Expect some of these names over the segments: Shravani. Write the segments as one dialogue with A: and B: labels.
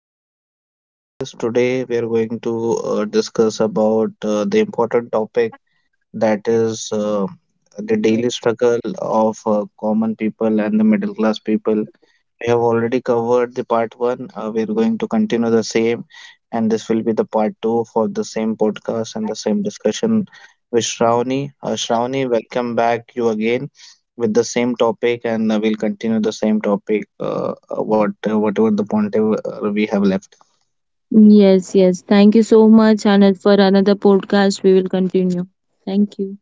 A: Welcome to my podcast. Today we are going to discuss about the important topic, that is, the daily struggle of common people and the middle class people. We have already covered the part one. We are going to continue the same, and this will be the part two for the same podcast and the same discussion with Shravani. Shravani, welcome back you again with the same topic, and we'll continue the same topic. Whatever the point we have left.
B: Yes, yes. Thank you so much, Anand, for another podcast. We will continue. Thank you.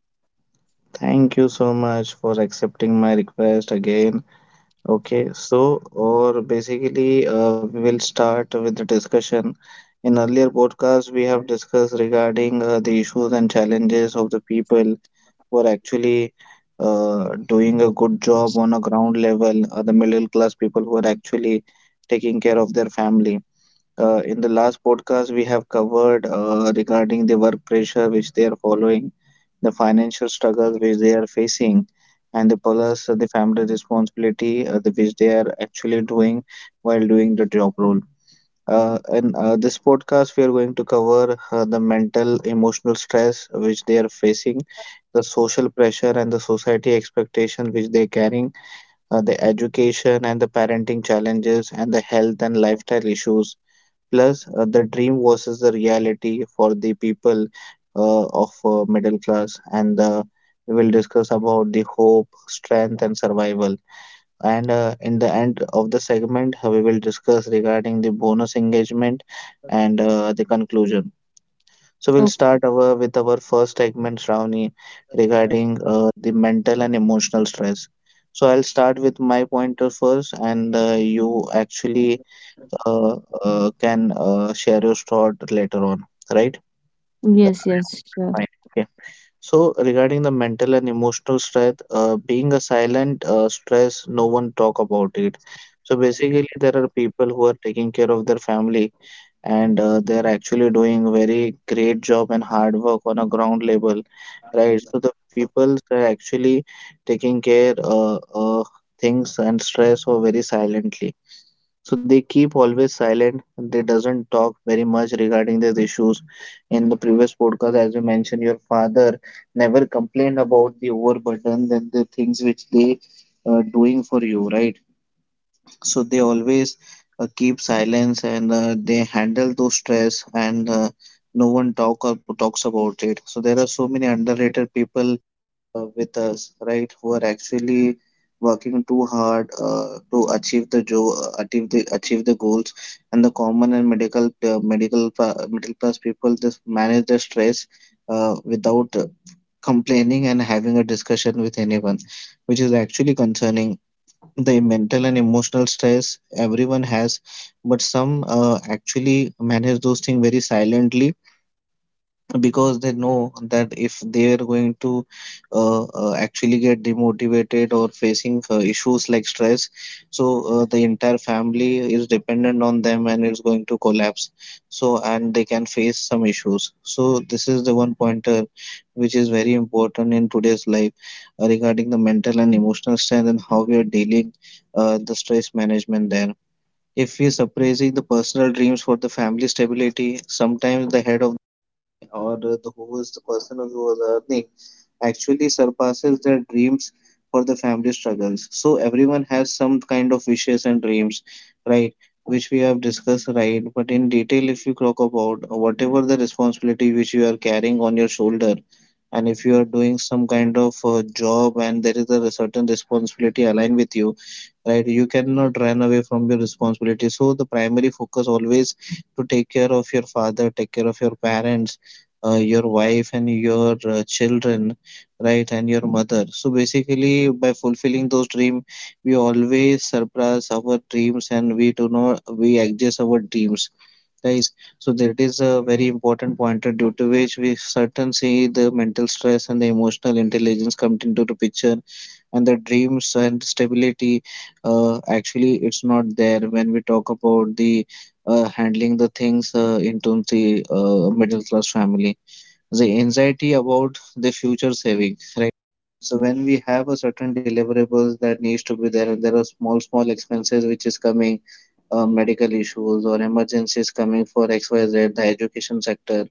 A: Thank you so much for accepting my request again. Okay, so or basically, we will start with the discussion. In earlier podcasts, we have discussed regarding the issues and challenges of the people who are actually doing a good job on a ground level, the middle class people who are actually taking care of their family. In the last podcast, we have covered regarding the work pressure which they are following, the financial struggles which they are facing, and the plus the family responsibility, which they are actually doing while doing the job role. In this podcast, we are going to cover the mental, emotional stress which they are facing, the social pressure and the society expectation which they are carrying, the education and the parenting challenges, and the health and lifestyle issues. Plus, the dream versus the reality for the people of middle class, and we will discuss about the hope, strength, and survival. And in the end of the segment, we will discuss regarding the bonus engagement and the conclusion. So we'll
B: Okay.
A: start our with our first segment, Shravani, regarding the mental and emotional stress. So I'll start with my pointer first, and you actually uh, can share your thought later on, right?
B: Yes,
A: I
B: yes,
A: hope that's
B: sure.
A: fine. Okay. So regarding the mental and emotional stress, being a silent stress, no one talk about it. So basically, there are people who are taking care of their family, and they are actually doing very great job and hard work on a ground level, right? So the peoples are actually taking care, things and stress or very silently, so they keep always silent. They doesn't talk very much regarding these issues. In the previous podcast, as you mentioned, your father never complained about the overburden and the things which they are doing for you, right? So they always keep silence, and they handle those stress, and no one talk or talks about it. So there are so many underrated people with us, right, who are actually working too hard to achieve the achieve the goals, and the common and medical, middle class people just manage their stress without complaining and having a discussion with anyone, which is actually concerning the mental and emotional stress everyone has, but some actually manage those things very silently, because they know that if they are going to actually get demotivated or facing issues like stress, so the entire family is dependent on them and it's going to collapse, so and they can face some issues. So this is the one pointer which is very important in today's life regarding the mental and emotional strength and how we are dealing the stress management there. If we suppressing the personal dreams for the family stability, sometimes the head of or the who is the person who was earning actually surpasses their dreams for the family struggles. So everyone has some kind of wishes and dreams, right? Which we have discussed, right? But in detail, if you talk about whatever the responsibility which you are carrying on your shoulder, and if you are doing some kind of job, and there is a certain responsibility aligned with you, right, you cannot run away from your responsibility. So the primary focus always to take care of your father, take care of your parents, your wife and your children, right, and your mother. So basically, by fulfilling those dreams, we always surpass our dreams, and we do not, we adjust our dreams, guys. So that is a very important pointer due to which we certain see the mental stress and the emotional intelligence come into the picture, and the dreams and stability, actually, it's not there when we talk about the handling the things into the middle class family, the anxiety about the future saving, right? So when we have a certain deliverables that needs to be there, and there are small, small expenses which is coming, medical issues or emergencies coming for XYZ, the education sector,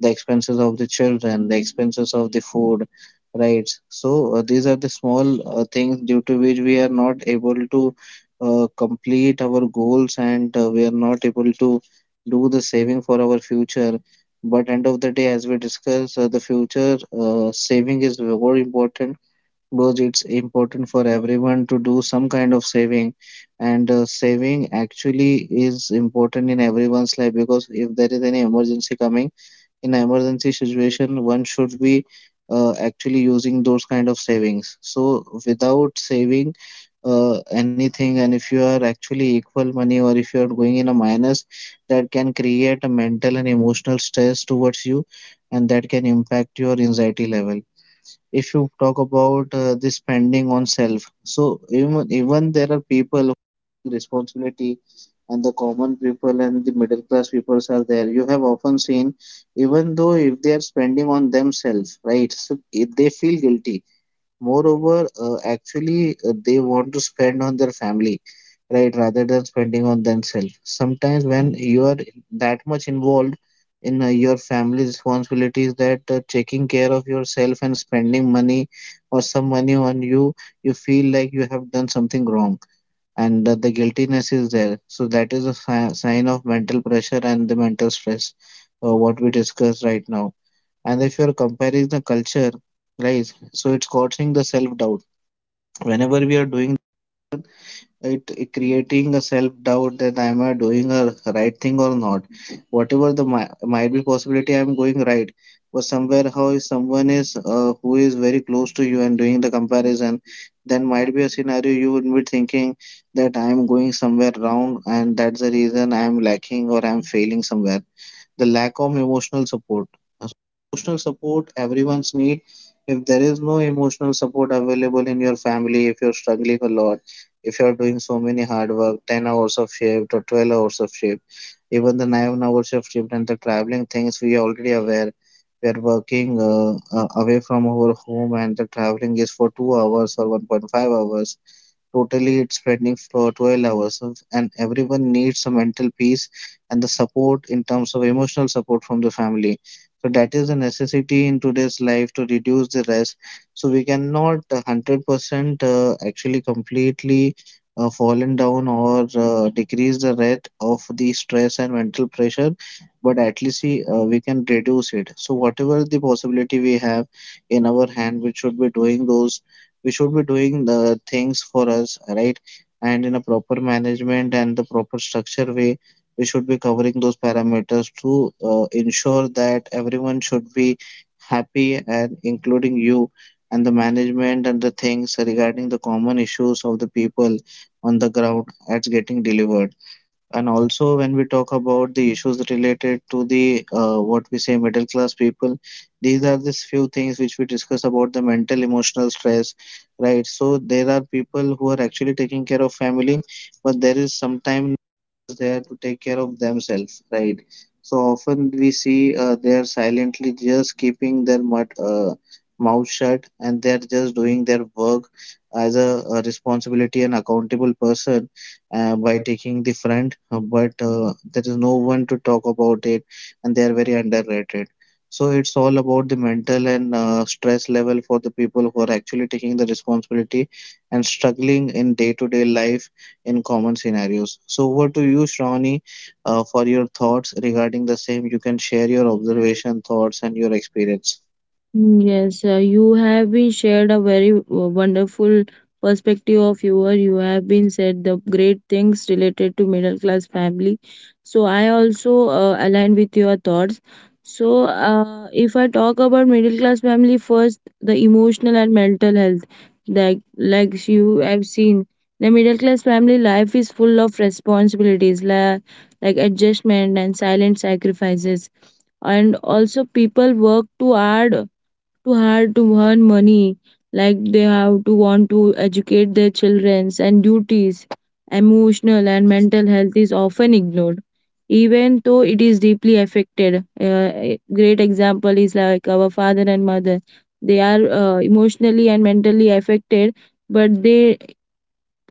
A: the expenses of the children, the expenses of the food, right? So these are the small things due to which we are not able to complete our goals, and we are not able to do the saving for our future. But end of the day, as we discuss the future, saving is very important, because it's important for everyone to do some kind of saving. And saving actually is important in everyone's life, because if there is any emergency coming, in emergency situation one should be actually using those kind of savings. So without saving uh, anything, and if you are actually equal money or if you are going in a minus, that can create a mental and emotional stress towards you, and that can impact your anxiety level. If you talk about the spending on self, so even there are people who responsibility and the common people and the middle class peoples are there, you have often seen even though if they are spending on themselves, right, so if they feel guilty. Moreover, they want to spend on their family, right, rather than spending on themselves. Sometimes, when you are that much involved in your family responsibilities, that taking care of yourself and spending money or some money on you, you feel like you have done something wrong, and that the guiltiness is there. So, that is a sign of mental pressure and the mental stress, what we discussed right now. And if you're comparing the culture, guys, so it's causing the self doubt. Whenever we are doing it, it creating a self doubt that am I doing a right thing or not? Whatever the might be possibility, I'm going right. But somewhere, how if someone is who is very close to you and doing the comparison, then might be a scenario you would be thinking that I'm going somewhere wrong, and that's the reason I'm lacking or I'm failing somewhere, the lack of emotional support. Emotional support everyone's need. If there is no emotional support available in your family, if you're struggling a lot, if you're doing so many hard work, 10 hours of shift or 12 hours of shift, even the 9 hours of shift and the traveling things, we are already aware. We are working away from our home, and the traveling is for 2 hours or 1.5 hours. Totally, it's spreading for 12 hours, of- and everyone needs some mental peace and the support in terms of emotional support from the family. So, that is a necessity in today's life to reduce the rest. So, we cannot 100% actually completely fallen down or decrease the rate of the stress and mental pressure, but at least see, we can reduce it. So, whatever the possibility we have in our hand, we should be doing those, we should be doing the things for us, right? And in a proper management and the proper structure way, we should be covering those parameters to ensure that everyone should be happy, and including you, and the management and the things regarding the common issues of the people on the ground that's getting delivered. And also, when we talk about the issues related to the what we say middle class people, these are these few things which we discuss about the mental emotional stress, right? So there are people who are actually taking care of family, but there is sometimes there to take care of themselves, right? So often we see they are silently just keeping their mut mouth shut, and they are just doing their work as a responsibility and accountable person by taking the front, but there is no one to talk about it, and they are very underrated. So it's all about the mental and stress level for the people who are actually taking the responsibility and struggling in day-to-day life in common scenarios. So over to you, Shravani, for your thoughts regarding the same. You can share your observation, thoughts, and your experience.
B: Yes, you have been shared a very wonderful perspective of your. You have been said the great things related to middle class family. So I also align with your thoughts. So if I talk about middle class family first, the emotional and mental health, like you have seen, the middle class family life is full of responsibilities, la like adjustment and silent sacrifices, and also people work too hard to earn money, like they have to want to educate their childrens and duties. Emotional and mental health is often ignored, even though it is deeply affected. A great example is like our father and mother. They are emotionally and mentally affected, but they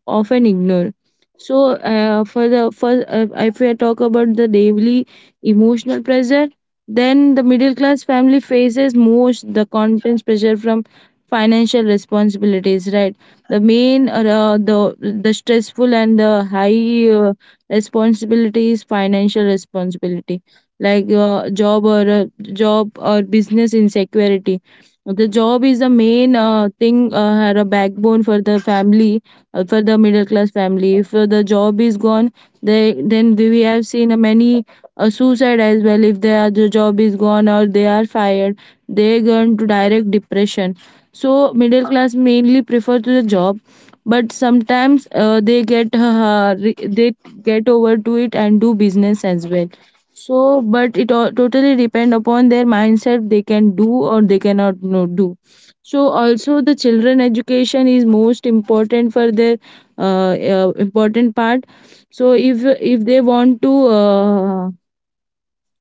B: often ignore. So, for the for if we talk about the daily emotional pressure, then the middle class family faces most the constant pressure from financial responsibilities. Right, the main the stressful and the high responsibility is financial responsibility, like job or business insecurity. The job is the main thing, or a backbone for the family, for the middle class family. If the job is gone, they then we have seen many suicide as well. If their the job is gone or they are fired, they go into direct depression. So middle class mainly prefer to the job, but sometimes they get they get over to it and do business as well. So but it all, totally depend upon their mindset. They can do, or they cannot no, do. So also the children education is most important for their important part. So if they want to uh,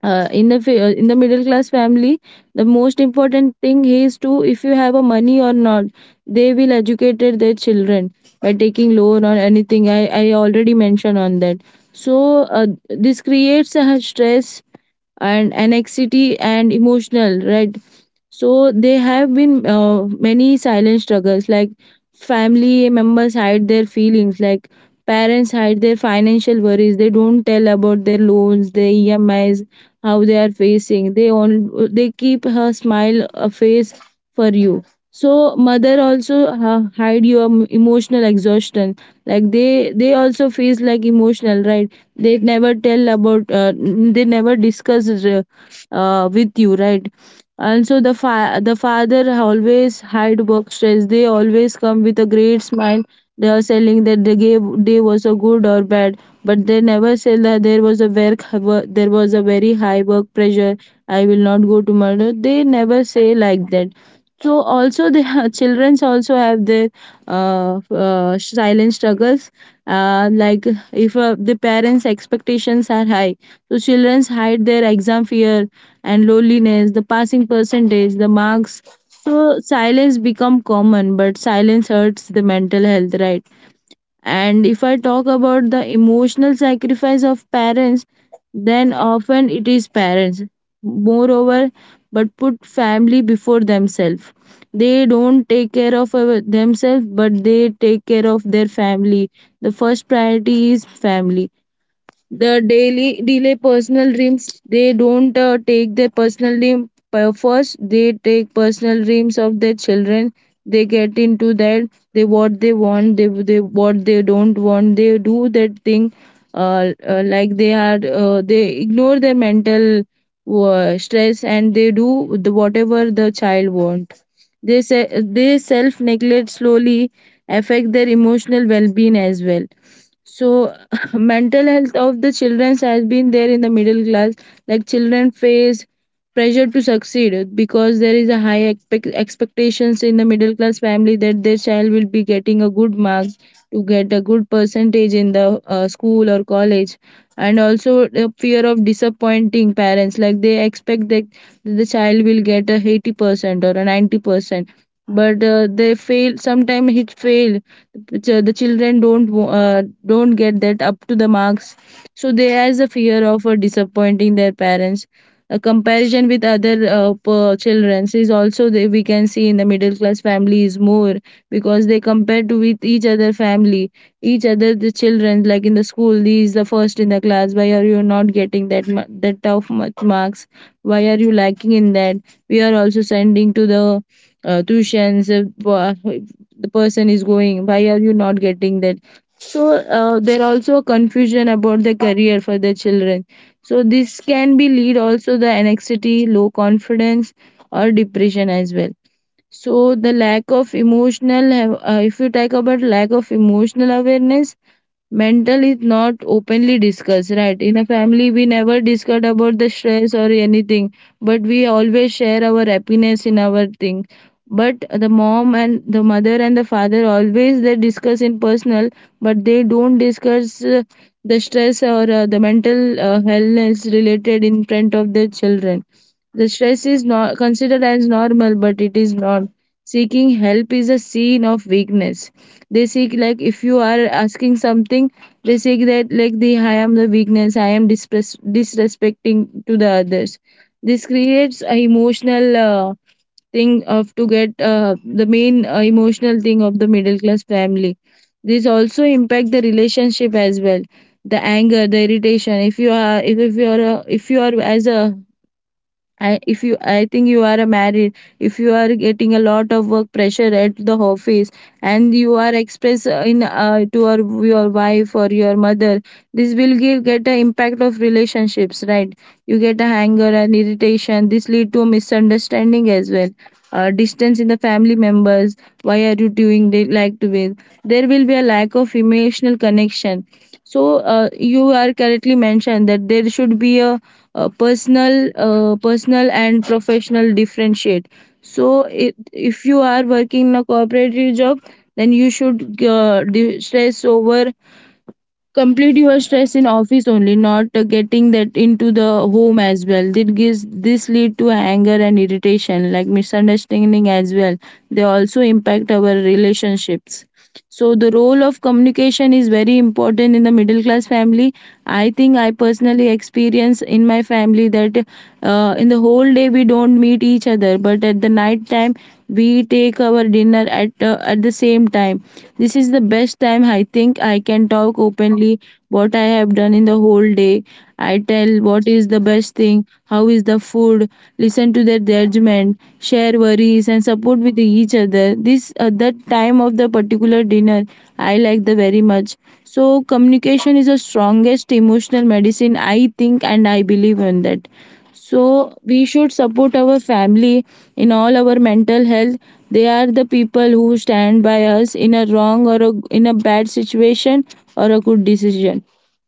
B: uh, in in the middle class family, the most important thing is to if you have a money or not, they will educate their children by taking loan or anything. I already mentioned on that. So this creates a stress and anxiety and emotional, right? So there have been many silent struggles, like family members hide their feelings, like parents hide their financial worries. They don't tell about their loans, their EMIs, how they are facing. They keep her smile a face for you. So mother also hide your emotional exhaustion. Like they also feels like emotional, right? They never tell about they never discuss with you, right? Also, the father always hide work stress. They always come with a great smile. They are selling that the gave day was a good or bad, but they never say that there was a very high work pressure. I will not go tomorrow. They never say like that. So also the childrens also have their silent struggles. Like if the parents' expectations are high, so childrens hide their exam fear and loneliness, the passing percentage, the marks. So silence become common, but silence hurts the mental health, right? And if I talk about the emotional sacrifice of parents, then often it is parents. Moreover, but put family before themselves. They don't take care of themselves, but they take care of their family. The first priority is family. The daily delay personal dreams, they don't take their personal dream first. They take personal dreams of their children. They get into that. They what they want they what they don't want they do that thing. Like they are they ignore their mental stress, and they do the, whatever the child wants. They say they self neglect slowly affect their emotional well being as well. So mental health of the children has been there in the middle class. Like children face pressure to succeed because there is a high expectations in the middle class family that their child will be getting a good marks, to get a good percentage in the school or college. And also the fear of disappointing parents, like they expect that the child will get a 80% or a 90%, but they fail. Sometimes it fail, the children don't don't get that up to the marks. So they has a fear of disappointing their parents. A comparison with other children is also the, we can see in the middle class families more, because they compare to with each other family, each other the children, like in the school these the first in the class, why are you not getting that that tough much marks, why are you lacking in that? We are also sending to the tuitions. The person is going, why are you not getting that? So there also confusion about the career for the children. So this can be lead also the anxiety, low confidence, or depression as well. So the lack of emotional, if you talk about lack of emotional awareness, mental is not openly discussed, right? In a family, we never discuss about the stress or anything, but we always share our happiness in our thing. But the mom and the mother and the father always they discuss in personal, but they don't discuss the stress or the mental illness related in front of their children. The stress is not considered as normal, but it is not. Seeking help is a sign of weakness. They seek like, if you are asking something, they seek that, like, the I am the weakness, I am disrespecting to the others. This creates a emotional thing of to get the main emotional thing of the middle class family. This also impact the relationship as well. The anger, the irritation, if you are if you are a, if you are as a I, if you I think you are a married, if you are getting a lot of work pressure at the office, and you are express in to your wife or your mother, this will give get an impact of relationships, right? You get a anger and irritation. This lead to misunderstanding as well, distance in the family members, why are you doing the, like to be, there will be a lack of emotional connection. So you are correctly mentioned that there should be a personal and professional differentiate. So it, if you are working in a corporate job, then you should stress over, complete your stress in office only, not getting that into the home as well. That gives, this lead to anger and irritation, like misunderstanding as well. They also impact our relationships. So the role of communication is very important in the middle class family. I think I personally experience in my family that in the whole day we don't meet each other, but at the night time we take our dinner at the same time. This is the best time, I think, I can talk openly what I have done in the whole day. I tell what is the best thing, how is the food, listen to their judgment, share worries and support with each other. This That time of the particular dinner, I like the very much. So communication is the strongest emotional medicine, I think, and I believe in that. So we should support our family in all our mental health. They are the people who stand by us in a wrong or a, in a bad situation or a good decision.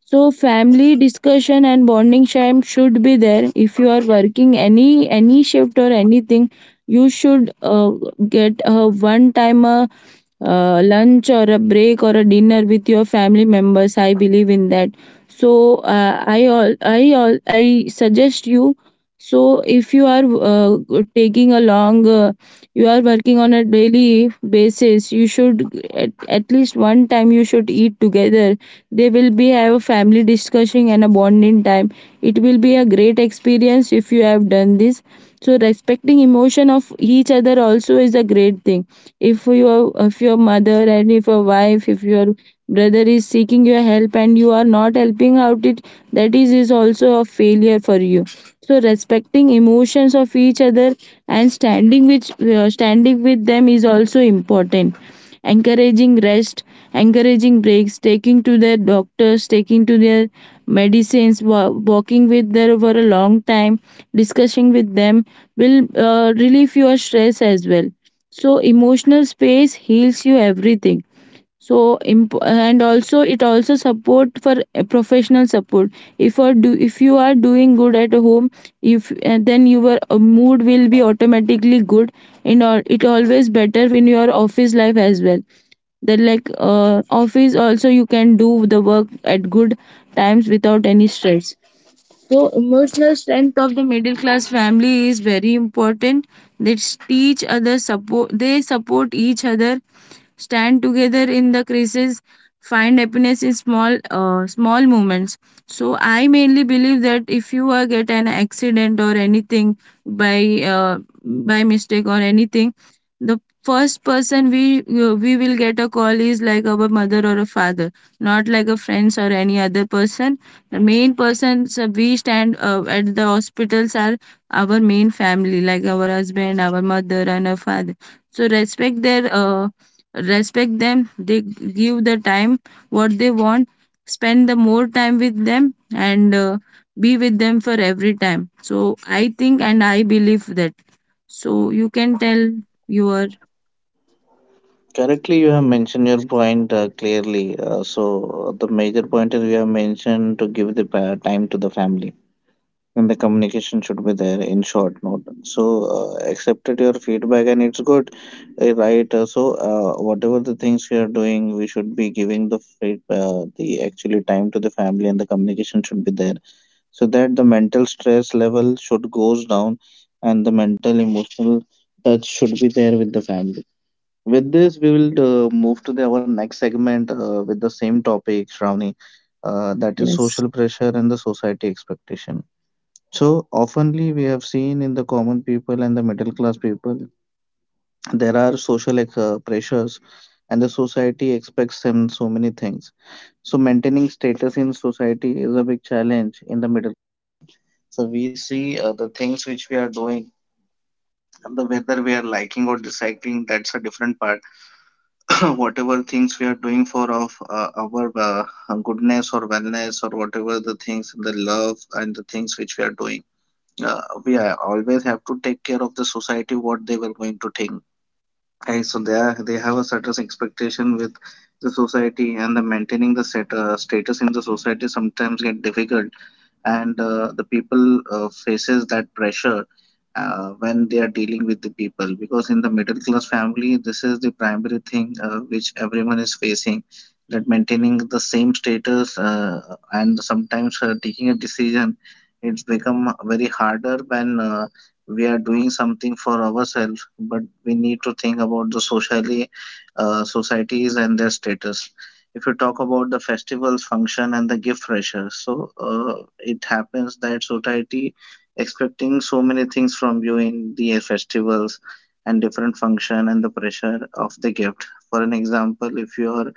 B: So family discussion and bonding time should be there. If you are working any shift or anything, you should get a one time a lunch or a break or a dinner with your family members. I believe in that. So I suggest you. So if you are taking a long you are working on a daily basis, you should at least one time you should eat together. They will be have a family discussion and a bonding time. It will be a great experience if you have done this. So respecting emotion of each other also is a great thing. If your if your mother and if your wife, if your brother is seeking your help and you are not helping out it, that is also a failure for you. So respecting emotions of each other and standing with them is also important. Encouraging rest, encouraging breaks, taking to their doctors, taking to their medicines, walking with them for a long time, discussing with them will relieve your stress as well. So emotional space heals you everything. So And also it also support for a professional support. If you are doing good at home, if and then your mood will be automatically good in, or it always better in your office life as well. That, like, office also you can do the work at good times without any stress. So emotional strength of the middle class family is very important. They teach other support, they support each other, stand together in the crisis, find happiness in small moments. So I mainly believe that if you get an accident or anything by uh, by mistake or anything, the first person we we will get a call is like our mother or a father, not like a friends or any other person. The main persons we stand at the hospitals are our main family, like our husband, our mother and our father. So respect their respect them, they give the time what they want. Spend the more time with them, and be with them for every time. So I think and I believe that. So you can tell your.
A: Correctly, you have mentioned your point clearly. The major point is you have mentioned to give the time to the family, and the communication should be there in short note. So, accepted your feedback, and it's good, right? Whatever the things we are doing, we should be giving the the actually time to the family, and the communication should be there, so that the mental stress level should goes down, and the mental emotional touch should be there with the family. With this, we will move to the, our next segment with the same topic, Shravani, that is
B: Yes,
A: social pressure and the society expectation. So, oftenly we have seen in the common people and the middle class people, there are social pressures and the society expects them so many things. So, maintaining status in society is a big challenge in the middle. So, we see the things which we are doing and the whether we are liking or disliking, that's a different part. Whatever things we are doing for of our goodness or wellness or whatever the things the love and the things which we are doing, we are always have to take care of the society what they were going to think. Right, so they are, they have a certain expectation with the society, and the maintaining the set, status in the society sometimes get difficult, and the people faces that pressure when they are dealing with the people because in the middle class family, this is the primary thing which everyone is facing, that maintaining the same status, and sometimes taking a decision, it's become very harder when we are doing something for ourselves, but we need to think about the socially, societies and their status. If you talk about the festivals, function, and the gift pressure, so it happens that society expecting so many things from you in the festivals and different function and the pressure of the gift. For an example, if you are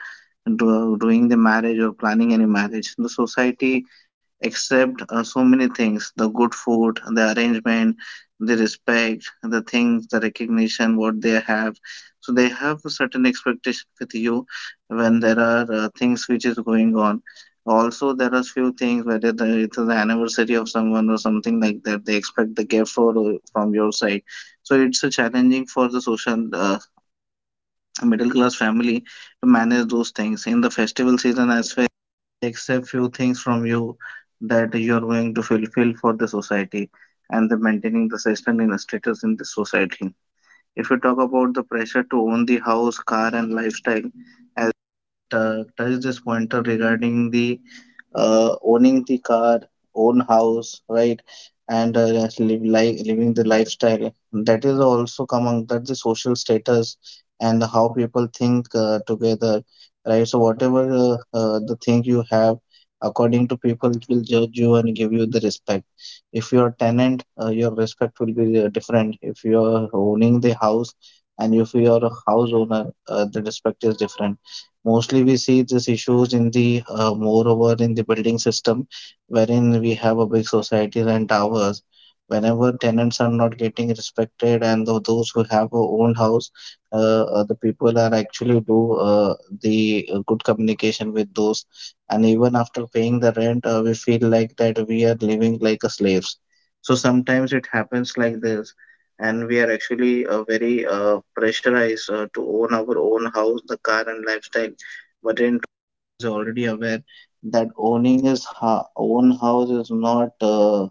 A: doing the marriage or planning any marriage, the society accept so many things: the good food, the arrangement, the respect, the things, the recognition, what they have. So they have a certain expectation with you when there are things which is going on. Also, there are few things whether it is the anniversary of someone or something like that. They expect the gift for from your side. So it's a challenging for the social, middle class family to manage those things in the festival season as well, accept few things from you that you're going to fulfill for the society and the maintaining the system in the status in the society. If you talk about the pressure to own the house, car, and lifestyle, as touch this pointer regarding the owning the car, own house, right, and just live li living the lifestyle, that is also among that the social status and how people think together, right? So whatever the thing you have, according to people, it will judge you and give you the respect. If you're a tenant, your respect will be different if you're owning the house, and if you're a house owner, the respect is different. Mostly, we see these issues in the, moreover in the building system, wherein we have a big societies and towers. Whenever tenants are not getting respected, and those who have a own house, uh, the people are actually do the good communication with those, and even after paying the rent, we feel like that we are living like a slaves. So sometimes it happens like this and we are actually very pressurized to own our own house, the car, and lifestyle. But in is already aware that owning his own house is not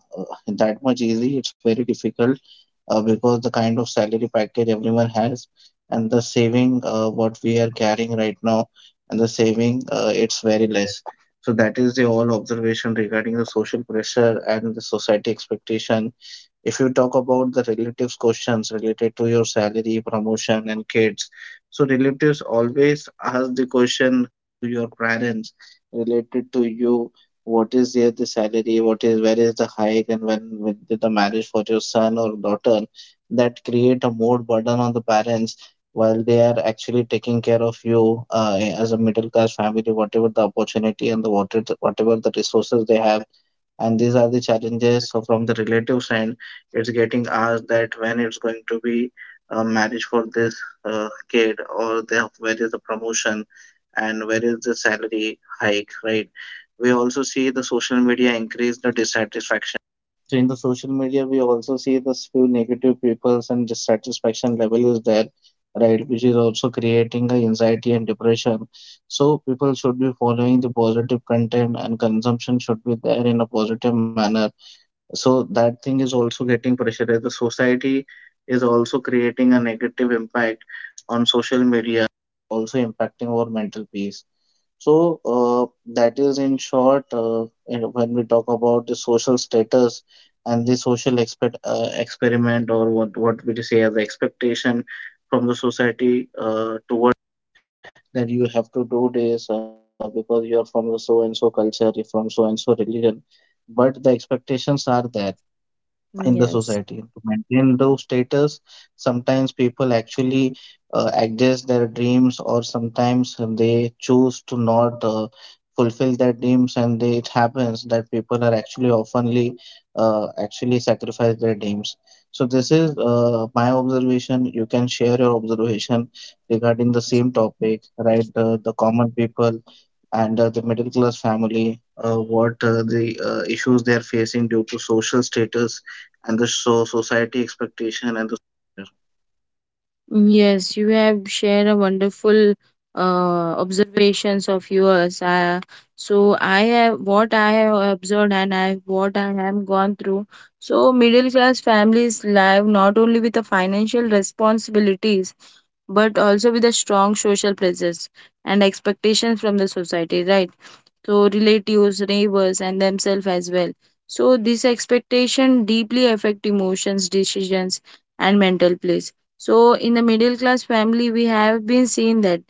A: that much easy. It's very difficult because the kind of salary package everyone has and the saving what we are carrying right now and the saving, it's very less. So that is the all observation regarding the social pressure and the society expectation. If you talk about the relatives' questions related to your salary, promotion, and kids, so relatives always ask the question to your parents related to you. What is their the salary? What is where is the hike? And when did the marriage for your son or daughter? That create a more burden on the parents while they are actually taking care of you as a middle class family, whatever the opportunity and the what whatever the resources they have, and these are the challenges so from the relatives' side. It's getting asked that when it's going to be a marriage for this kid, or the, where is the promotion, and where is the salary hike, right? We also see the social media increase the dissatisfaction. So in the social media, we also see this few negative peoples and dissatisfaction level is there, right? Which is also creating a anxiety and depression. So people should be following the positive content and consumption should be there in a positive manner, so that thing is also getting pressurized. The society is also creating a negative impact on social media, also impacting our mental peace. So that is in short, you know, when we talk about the social status and the social expect experiment or what we say as expectation from the society toward that you have to do this because you are from the so and so culture, you're from so and so religion, but the expectations are there in the society. To
B: yes.
A: maintain those status, sometimes people actually adjust their dreams, or sometimes they choose to not fulfill their dreams, and they, it happens that people are actually oftenly actually sacrifice their dreams. So this is my observation. You can share your observation regarding the same topic, right? The common people and the middle class family, what the issues they are facing due to social status and the so society expectation and the.
B: Yes, you have shared a wonderful observations of yours. So I have what I have observed and I what I have gone through. So middle class families live not only with the financial responsibilities but also with a strong social presence and expectations from the society, right? So relatives, neighbors, and themselves as well. So this expectation deeply affect emotions, decisions, and mental place. So in the middle class family, we have been seeing that,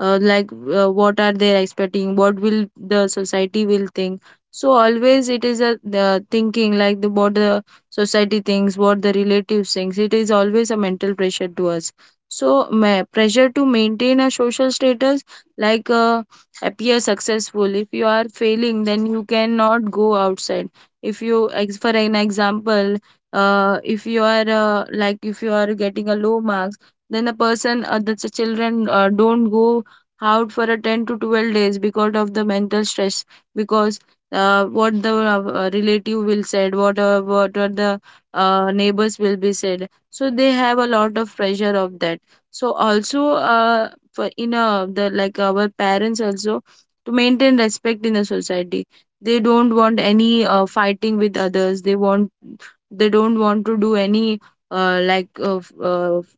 B: uh, like what are they expecting? What will the society will think? So always it is a the thinking like the what the society thinks, what the relatives thinks. It is always a mental pressure to us. So pressure to maintain a social status, like. Appear successful. If you are failing then you cannot go outside. If you ex- For an example, if you are like, if you are getting a low marks, then the person, the children don't go out for a 10 to 12 days because of the mental stress, because what the relative will said, what are the neighbors will be said. So they have a lot of pressure of that. So also, uh, for in the, like, our parents also to maintain respect in the society, they don't want any fighting with others. They want, they don't want to do any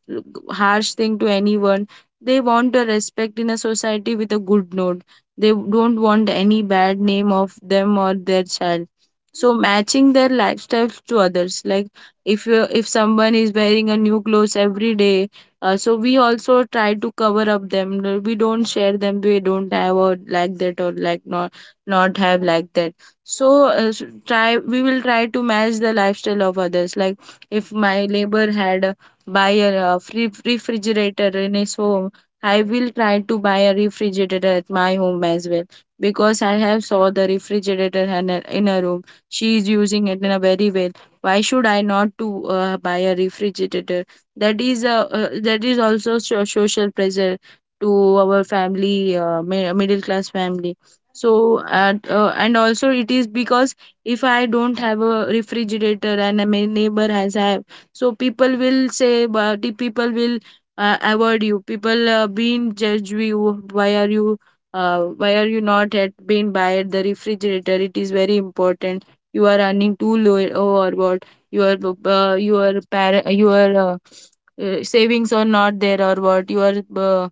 B: harsh thing to anyone. They want a respect in a society with a good note. They don't want any bad name of them or their child. So matching their lifestyles to others. Like, if you, if someone is wearing a new clothes every day, so we also try to cover up them. No, we don't share them. We don't have or like that, or like not not have like that. So s- try we will try to match the lifestyle of others. Like, if my neighbor had a, buy a free refrigerator in his home, I will try to buy a refrigerator at my home as well, because I have saw the refrigerator in her room. She is using it in a very well. Why should I not to buy a refrigerator? That is also social pressure to our family, middle class family. So at, and also it is because if I don't have a refrigerator and my neighbor has have, so people will say. But the people will avoid you, people being judge you, why are you why are you not at being by the refrigerator. It is very important. You are earning too low, oh, or what? Your your parent, your savings are not there, or what? Your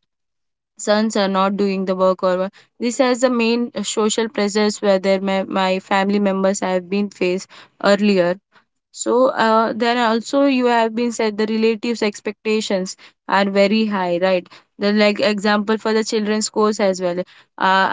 B: sons are not doing the work, or what? This has the main social pressures whether my, my family members have been faced earlier. So then also you have been said the relatives' expectations are very high, right? The like example for the children's course as well.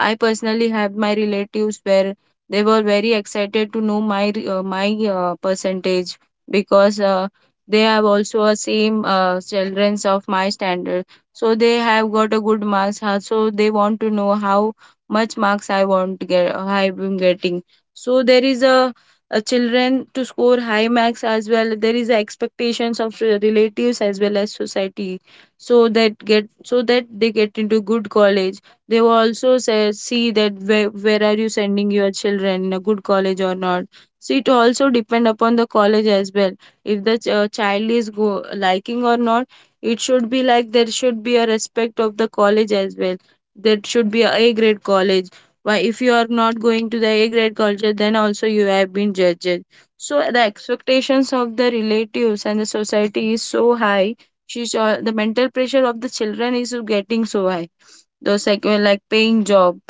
B: I personally have my relatives where they were very excited to know my my percentage, because they have also a same children's of my standard. So they have got a good marks. So they want to know how much marks I want to get. I'm getting. So there is a children to score high marks as well. There is a expectations of relatives as well as society, so that get, so that they get into good college. They will also say, see that where are you sending your children in a good college or not. So it also depend upon the college as well. If the child is go liking or not, it should be like there should be a respect of the college as well. That should be a A grade college. Why, if you are not going to the A grade culture, then also you have been judged. So the expectations of the relatives and the society is so high. She's, the mental pressure of the children is getting so high. Those like paying job,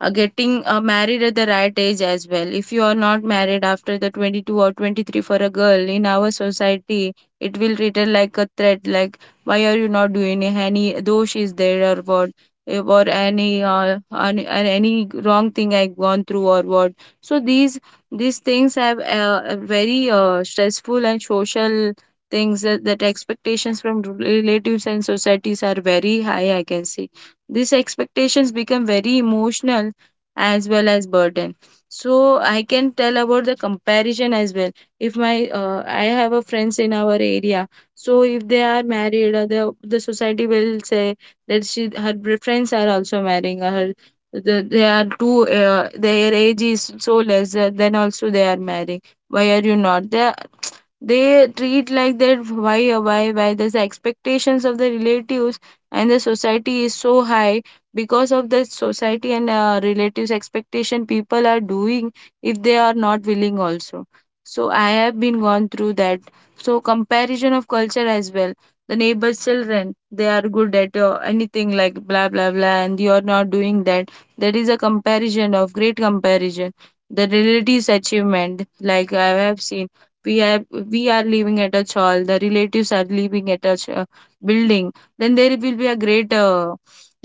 B: getting married at the right age as well. If you are not married after the 22 or 23 for a girl in our society, it will treated like a threat, like why are you not doing it? Any dosh is there, or what, eh, or any or any wrong thing I gone through, or what. So these things have a very stressful and social things, that, that expectations from relatives and societies are very high. I can see these expectations become very emotional as well as burden. So I can tell about the comparison as well. If my I have a friends in our area, so if they are married, the society will say that she, her friends are also marrying her. The, they are too their age is so less, then also they are marrying. Why are you not? They, they treat like that, why why this expectations of the relatives and the society is so high. Because of the society and relatives expectation, people are doing if they are not willing also. So I have been gone through that. So comparison of culture as well. The neighbor's children, they are good at anything like blah blah blah, and you are not doing that. There is a comparison of great comparison, the relatives achievement. Like, I have seen we are, we are living at a chawl, the relatives are living at a building. Then there will be a great uh,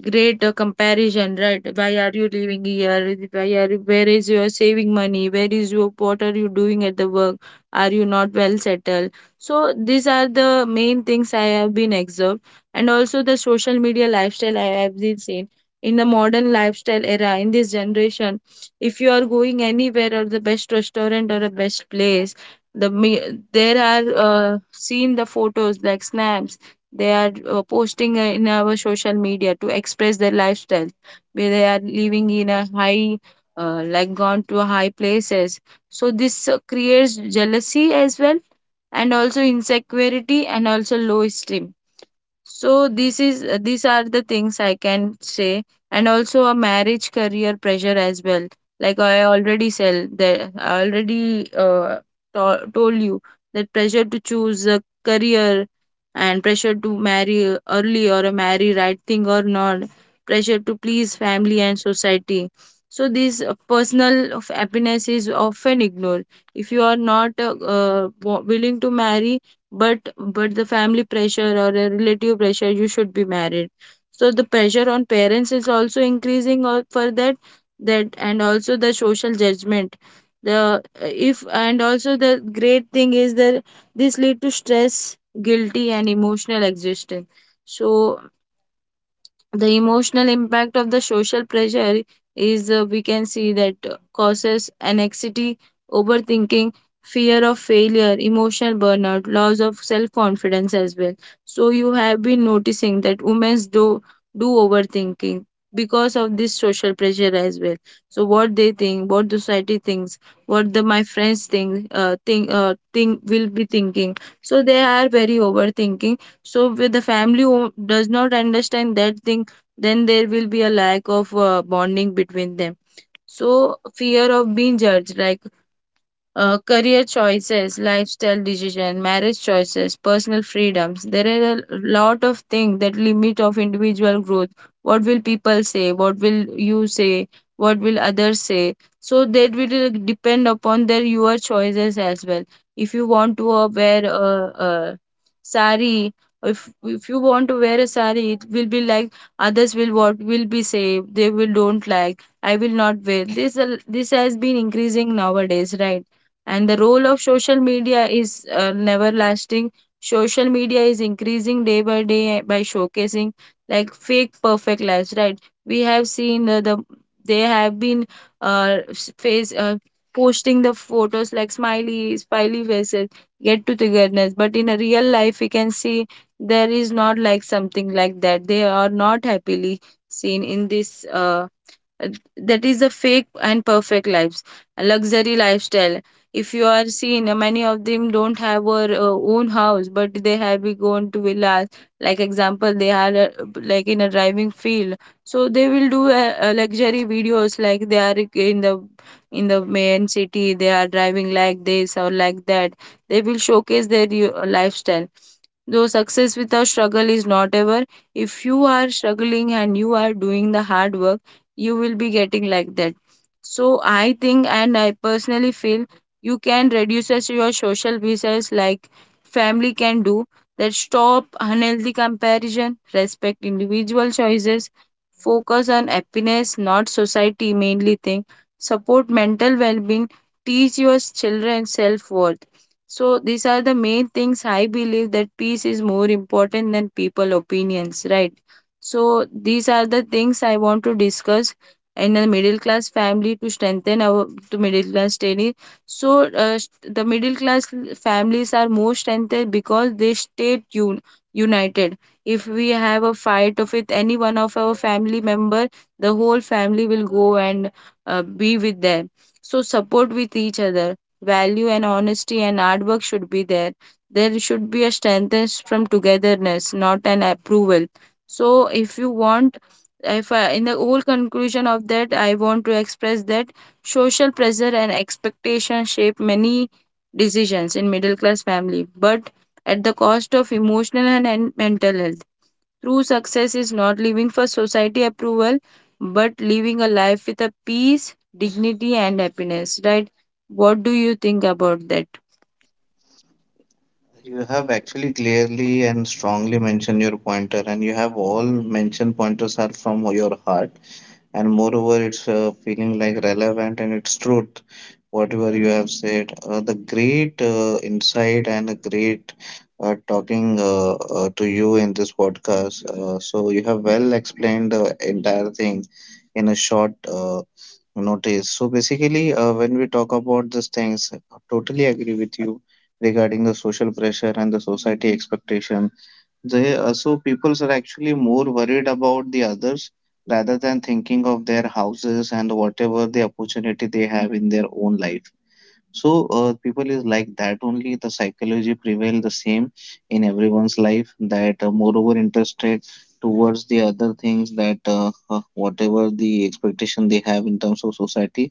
B: great comparison, right? Why are you living here? Why are you, where is your saving money, where is your, what are you doing at the work, are you not well settled? So these are the main things I have been observed. And also the social media lifestyle I have been seen. In the modern lifestyle era, in this generation, if you are going anywhere, or the best restaurant or the best place, there are seen the photos like snaps. They are posting in our social media to express their lifestyle, where they are living in a high, like gone to high places. So this creates jealousy as well, and also insecurity and also low esteem. So this is these are the things I can say. And also a marriage career pressure as well. Like, I already sell the, I already told you that pressure to choose a career and pressure to marry early or a marry right thing or not, pressure to please family and society. So this personal of happiness is often ignored. If you are not willing to marry, but the family pressure or a relative pressure you should be married. So the pressure on parents is also increasing or for that that and also the social judgment, the if and also the great thing is that this lead to stress, guilty and emotional existence. So the emotional impact of the social pressure is, we can see that causes anxiety, overthinking, fear of failure, emotional burnout, loss of self confidence as well. So you have been noticing that women do overthinking because of this social pressure as well. So what they think, what society thinks, what the my friends think will be thinking, so they are very overthinking. So with the family who does not understand that thing, then there will be a lack of bonding between them. So fear of being judged, like career choices, lifestyle decision, marriage choices, personal freedoms. There are a lot of things that limit of individual growth. What will people say? What will you say? What will others say? So that will depend upon their your choices as well. If you want to wear a sari, if you want to wear a sari, it will be like others will what will be say they will don't like. I will not wear this. This has been increasing nowadays, right? And the role of social media is never lasting. Social media is increasing day by day, by showcasing, like, fake perfect lives, right? We have seen the they have been s- face posting the photos like smiley faces, get to togetherness, but in a real life we can see there is not like something like that, they are not happily seen in this uh, that is the fake and perfect lives, a luxury lifestyle. If you are seen, many of them don't have our own house but they have been gone to villas, like example they are like in a driving field. So they will do luxury videos like they are in the in the main city they are driving like this or like that. They will showcase their lifestyle. Though success without struggle is not ever, if you are struggling and you are doing the hard work, you will be getting like that. So I think and I personally feel you can reduce as your social visas, like, family can do that. Stop unhealthy comparison, respect individual choices, focus on happiness, not society mainly thing, support mental well being, teach your children self worth. So these are the main things I believe that peace is more important than people opinions, right? So these are the things I want to discuss in a middle class family to strengthen our to middle class daily. So the middle class families are more strengthened because they stay united. If we have a fight of with any one of our family member, the whole family will go and be with them. So support with each other. Value and honesty and hard work should be there. There should be a strength from togetherness, not an approval. So, if you want, if I, in the whole conclusion of that, I want to express that social pressure and expectation shape many decisions in middle class family, but at the cost of emotional and mental health. True success is not living for society approval, but living a life with a peace, dignity, and happiness. Right? What do you think about that?
A: You have actually clearly and strongly mentioned your pointer, and you have all mentioned pointers are from your heart, and moreover, it's feeling like relevant and it's truth, whatever you have said. The great insight and a great talking to you in this podcast. So you have well explained the entire thing in a short notice. So basically, when we talk about these things, I totally agree with you regarding the social pressure and the society expectation they, so people are actually more worried about the others rather than thinking of their houses and whatever the opportunity they have in their own life. So people is like that only. The psychology prevail the same in everyone's life. That moreover interested towards the other things, that whatever the expectation they have in terms of society,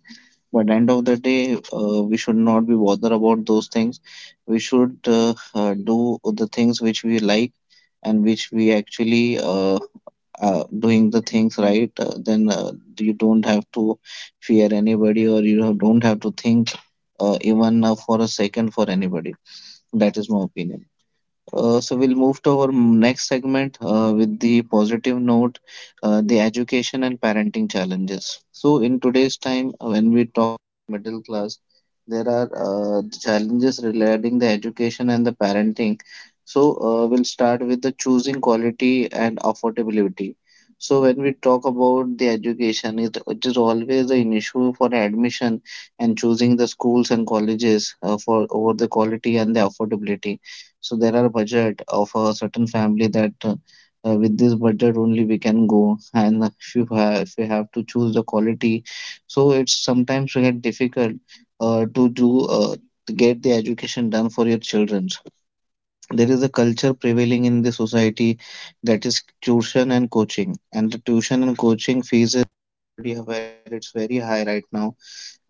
A: but end of the day we should not be bothered about those things. We should do the things which we like and which we actually doing the things right, then you don't have to fear anybody or you don't have to think even for a second for anybody. That is my opinion. So we'll move to our next segment with the positive note, the education and parenting challenges. So in today's time, when we talk middle class, there are the challenges regarding the education and the parenting. So we'll start with the choosing quality and affordability. So when we talk about the education, it is always an issue for admission and choosing the schools and colleges for over the quality and the affordability. So there are budget of a certain family that with this budget only we can go, and if you have to choose the quality, so it's sometimes we get difficult uh, to do uh, to get the education done for your children. There is a culture prevailing in the society that is tuition and coaching, and the tuition and coaching fees is already where it's very high right now,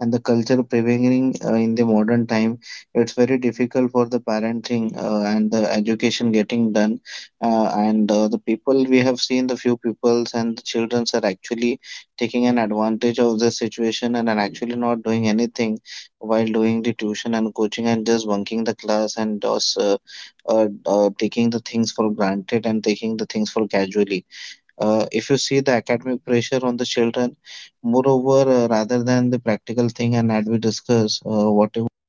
A: and the culture prevailing in the modern time, it's very difficult for the parenting and the education getting done. And The people, we have seen the few peoples and the children are actually taking an advantage of the situation and are actually not doing anything while doing the tuition and coaching and just bunking the class and just taking the things for granted and taking the things for casually. If you see the academic pressure on the children, moreover, rather than the practical thing, and that we discuss whatever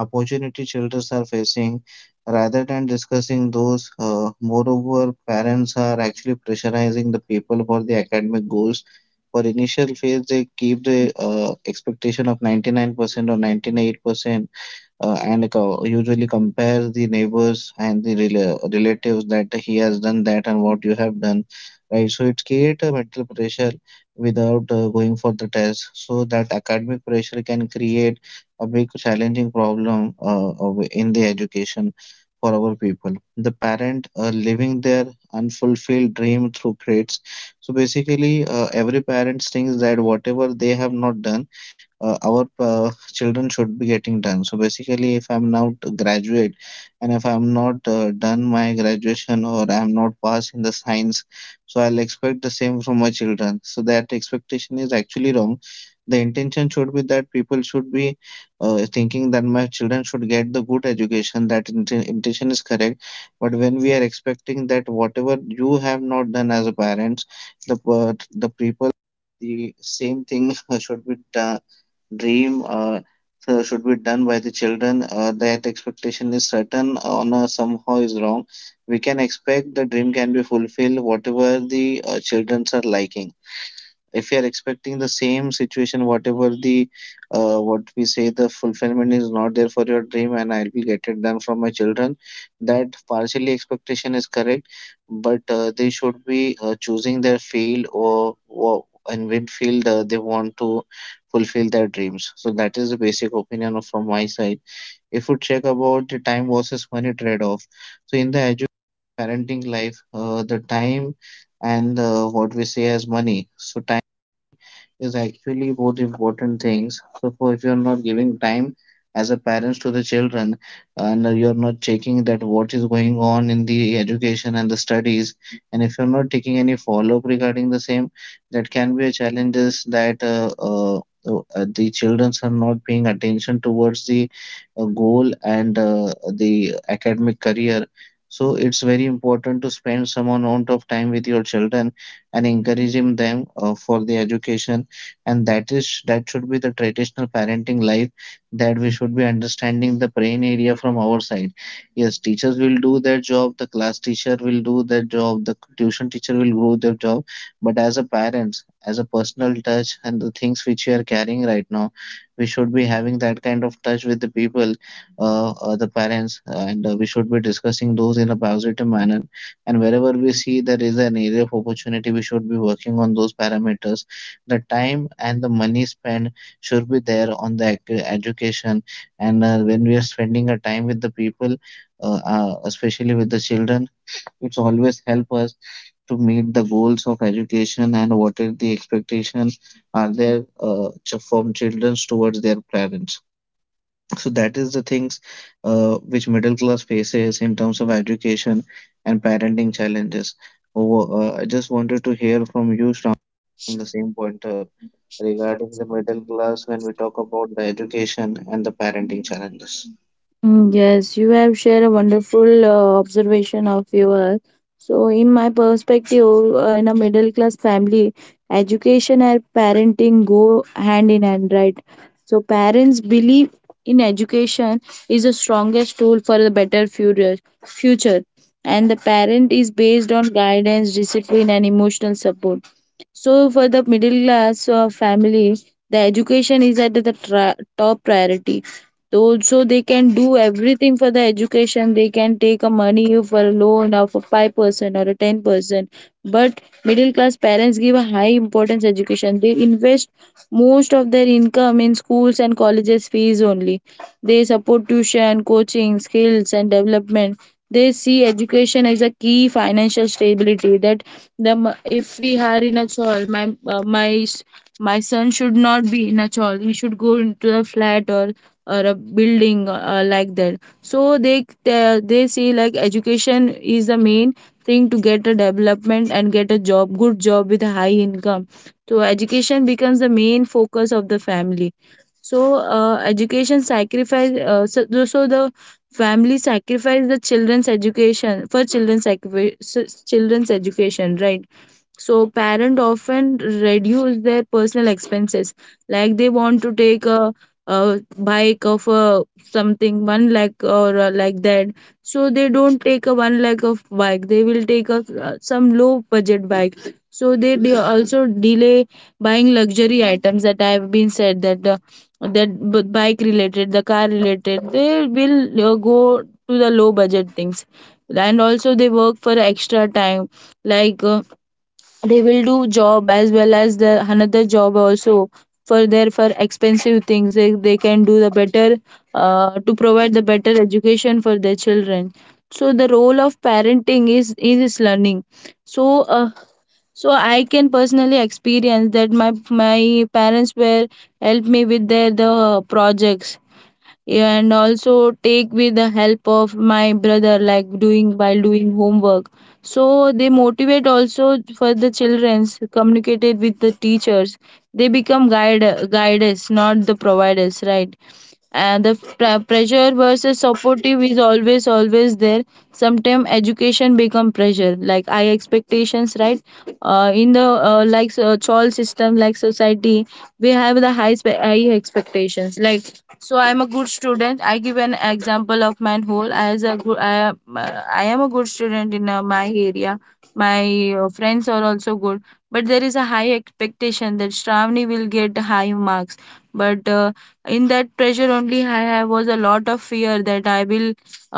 A: opportunity children are facing, rather than discussing those, moreover, parents are actually pressurizing the people for the academic goals. For initial phase, they keep the expectation of 99% or 98%, and usually compare the neighbors and the relatives that he has done that and what you have done, right? So it create a mental pressure without going for the test. So that academic pressure can create a big challenging problem in the education for our people, the parent living their unfulfilled dream through grades. So basically, every parent thinks that whatever they have not done, our children should be getting done. So basically, if I'm not graduate and if I'm not done my graduation or I'm not passed in the science, so I'll expect the same from my children. So that expectation is actually wrong. The intention should be that people should be thinking that my children should get the good education. That intention is correct. But when we are expecting that whatever you have not done as a parents, the people the same thing should be done, dream so should be done by the children, that expectation is certain, or no, somehow is wrong. We can expect the dream can be fulfilled whatever the children are liking. If you are expecting the same situation, whatever the what we say, the fulfillment is not there for your dream, and I will get it done from my children, that partially expectation is correct. But they should be choosing their field, or in which field they want to fulfill their dreams. So that is the basic opinion from my side. If you check about the time versus money trade-off, so in the education parenting life, the time and what we say as money, so time is actually both important things. So for, if you're not giving time as a parents to the children, and you're not checking that what is going on in the education and the studies, and if you're not taking any follow-up regarding the same, that can be a challenge, is that the children are not paying attention towards the goal and the academic career. So it's very important to spend some amount of time with your children and encouraging them for the education. And that is, that should be the traditional parenting life, that we should be understanding the brain area from our side. Yes, teachers will do their job, the class teacher will do their job, the tuition teacher will do their job, but as a parent, as a personal touch and the things which we are carrying right now, we should be having that kind of touch with the people, the parents, and we should be discussing those in a positive manner, and wherever we see there is an area of opportunity, we should be working on those parameters. The time and the money spent should be there on the education, and when we are spending a time with the people, especially with the children, it's always help us to meet the goals of education and what is the expectation are there, from children towards their parents. So that is the things which middle class faces in terms of education and parenting challenges. Over, I just wanted to hear from you, Shravan, the same pointer regarding the middle class when we talk about the education and the parenting challenges.
B: Mm, yes, you have shared a wonderful observation of yours. So, in my perspective, in a middle class family, education and parenting go hand in hand, right? So, parents believe in education is the strongest tool for the better future, and the parent is based on guidance, discipline, and emotional support. So, for the middle class family, the education is at the top priority. Also they can do everything for the education. They can take a money for a loan of a 5% or a 10%, but middle class parents give a high importance education. They invest most of their income in schools and colleges fees only. They support tuition coaching skills and development. They see education as a key financial stability, that if we are in a chawl, my my son should not be in a chawl, he should go into a flat or a building like that. So they see like education is the main thing to get a development and get a job, good job with a high income. So education becomes the main focus of the family. So education sacrifice, so the family sacrifice the children's education for children's children's education, right? So parents often reduce their personal expenses, like they want to take a bike of a something one lakh or like that. So they don't take a one lakh of bike. They will take a some low budget bike. So they also delay buying luxury items, that I have been said that bike related, the car related. They will go to the low budget things, and also they work for extra time like. They will do job as well as the another job also for their for expensive things. They can do the better to provide the better education for their children. So the role of parenting is learning. So so I can personally experience that my parents were helped me with their the projects, and also take with the help of my brother like doing while doing homework. So they motivate also for the childrens, communicated with the teachers. They become guides, not the providers, right? And the pressure versus supportive is always there. Sometimes education become pressure like high expectations, right? In the like child system like society, we have the high expectations, like, so I'm a good student. I give an example of my whole as a good I am a good student in my area. My friends are also good, but there is a high expectation that Shravani will get high marks. But in that pressure only I have was a lot of fear that I will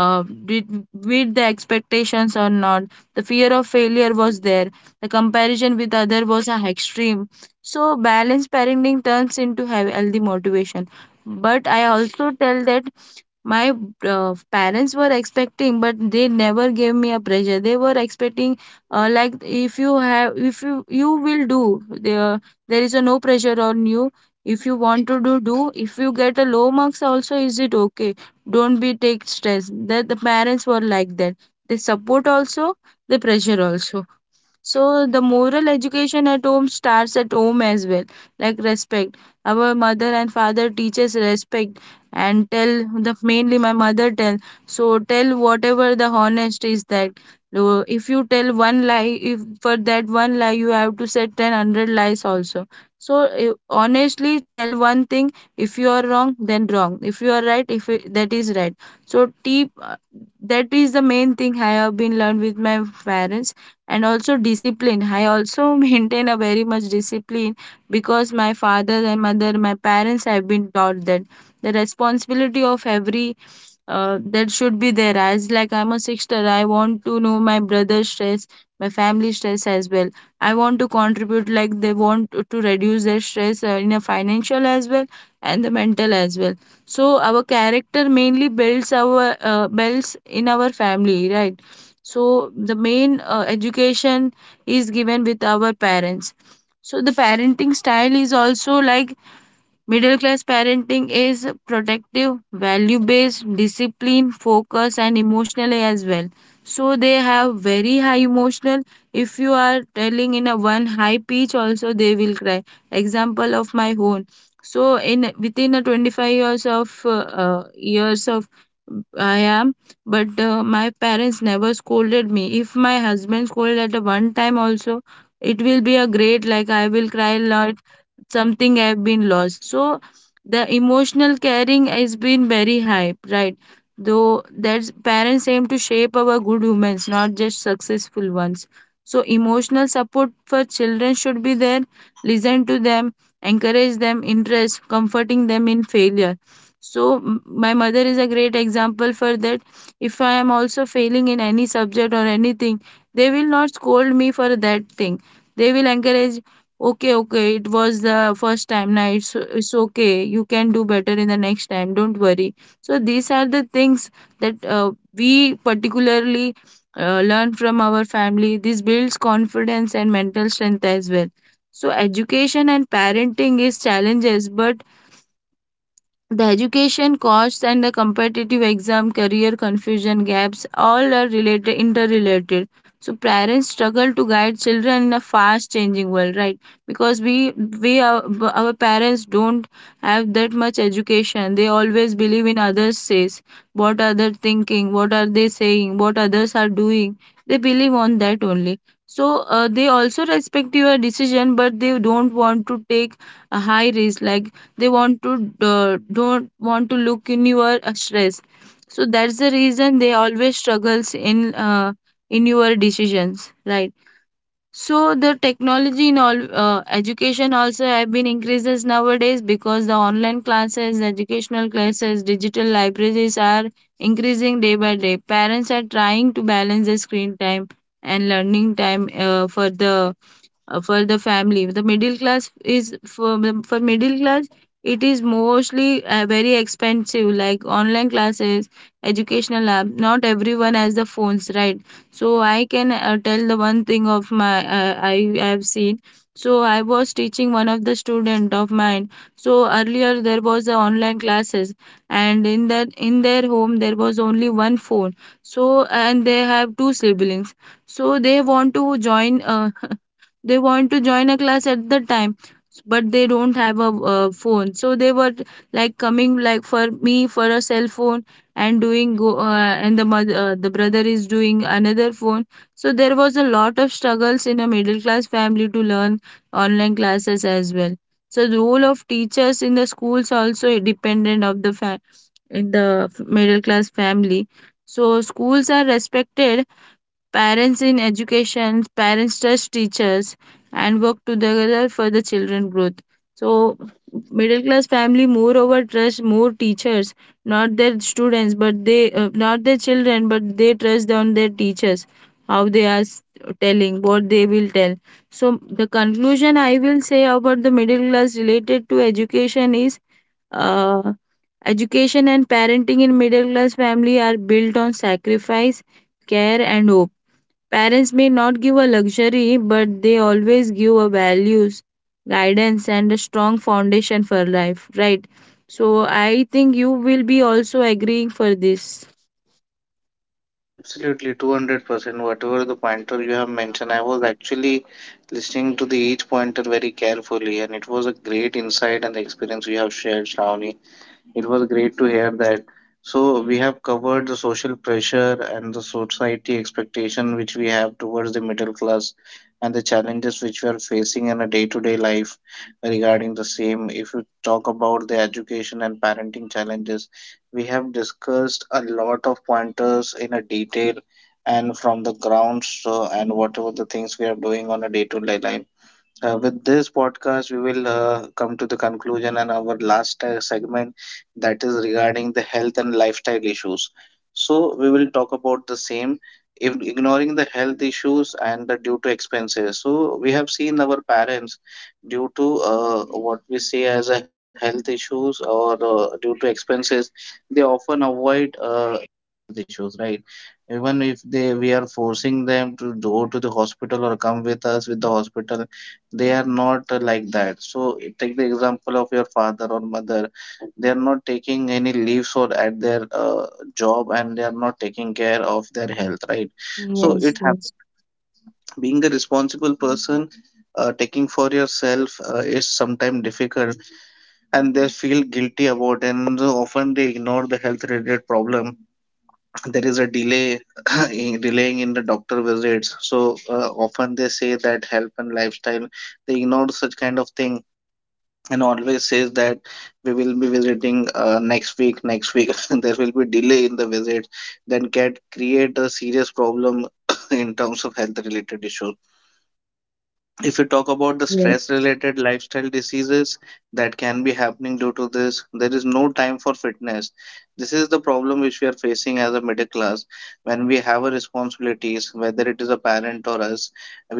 B: uh, did, meet the expectations or not. The fear of failure was there. The comparison with other was extreme. So balanced parenting turns into healthy motivation. But I also tell that my parents were expecting, but they never gave me a pressure. They were expecting, like if you have if you you will do there, there is a no pressure on you. If you want to do do if you get a low marks also is it okay, don't be take stress. That the parents were like that. They support also, the pressure also. So the moral education at home starts at home as well, like respect. Our mother and father teaches respect, and tell the mainly my mother tell. So tell whatever the honest is that. So if you tell one lie, if for that one lie you have to say ten hundred lies also. So honestly tell one thing. If you are wrong, then wrong. If you are right, if it, that is right. So tip that is the main thing I have been learned with my parents. And also discipline, I also maintain a very much discipline, because my father and mother my parents have been taught that the responsibility of every that should be there. As like I'm a sister, I want to know my brother's stress, my family stress as well. I want to contribute, like they want to reduce their stress in a financial as well and the mental as well. So our character mainly builds our builds in our family, right? So the main education is given with our parents. So the parenting style is also like, middle class parenting is protective, value based, discipline, focus, and emotionally as well. So they have very high emotional. If you are telling in a one high pitch, also they will cry. Example of my own. So in within a 25 years of I am, but my parents never scolded me. If my husband scolded at a one time also, it will be a great like I will cry, a something have been lost. So the emotional caring has been very high, right? Though that's parents aim to shape our good humans, not just successful ones. So emotional support for children should be there, listen to them, encourage them interest, comforting them in failure. So my mother is a great example for that. If I am also failing in any subject or anything, they will not scold me for that thing. They will encourage. Okay, okay, it was the first time. Now it's okay. You can do better in the next time. Don't worry. So these are the things that we particularly learn from our family. This builds confidence and mental strength as well. So education and parenting is challenges, but the education costs and the competitive exam, career confusion gaps, all are related, interrelated. So parents struggle to guide children in a fast changing world, right? Because our parents don't have that much education. They always believe in others' says, what are they thinking, what are they saying, what others are doing. They believe on that only. So they also respect your decision, but they don't want to take a high risk, like they want to don't want to look in your stress. So that's the reason they always struggles in your decisions, right? So the technology in all education also have been increases nowadays, because the online classes, educational classes, digital libraries are increasing day by day. Parents are trying to balance the screen time and learning time for the family. The middle class is for middle class, it is mostly very expensive, like online classes, educational app. Not everyone has the phones, right? So I can tell the one thing of my I have seen. So I was teaching one of the student of mine. So earlier there was the online classes, and in that, in their home there was only one phone. So, and they have two siblings. So they want to join they want to join a class at the time, but they don't have a phone. So they were like coming like for me for a cell phone and doing go and the mother, the brother is doing another phone. So there was a lot of struggles in a middle class family to learn online classes as well. So the role of teachers in the schools also dependent of the in the middle class family. So schools are respected. Parents in education, parents trust teachers and work together for the children growth. So middle class family moreover trust more teachers, not their students, but they not their children, but they trust on their teachers, how they are telling, what they will tell. So the conclusion I will say about the middle class related to education is uh, education and parenting in middle class family are built on sacrifice, care and hope. Parents may not give a luxury, but they always give a values, guidance, and a strong foundation for life, right? So I think you will be also agreeing for this.
A: Absolutely, 200%. Whatever the pointer you have mentioned, I was actually listening to the each pointer very carefully, and it was a great insight and the experience you have shared, Shravani. It was great to hear that. So we have covered the social pressure and the society expectation which we have towards the middle class, and the challenges which we are facing in a day-to-day life regarding the same. If you talk about the education and parenting challenges, we have discussed a lot of pointers in a detail and from the grounds, and whatever the things we are doing on a day-to-day life. With this podcast, we will come to the conclusion and our last segment, that is regarding the health and lifestyle issues. So, we will talk about the same. If ignoring the health issues and the due to expenses, so we have seen our parents due to what we say as a health issues, or due to expenses, they often avoid health issues, right? Even if they, we are forcing them to go to the hospital or come with us with the hospital, they are not like that. So take the example of your father or mother. They are not taking any leaves or at their job, and they are not taking care of their health, right? So
B: Yes,
A: it
B: yes,
A: happens. Being a responsible person, taking for yourself is sometimes difficult, and they feel guilty about, and so often they ignore the health related problem. There is a delay in delaying in the doctor visits. So often they say that health and lifestyle they ignore such kind of thing, and always says that we will be visiting next week, next week. There will be delay in the visit, then can create a serious problem in terms of health related issues. If we talk about the
B: yes.
A: stress related lifestyle diseases that can be happening due to this, there is no time for fitness. This is the problem which we are facing as a middle class. When we have a responsibilities, whether it is a parent or us,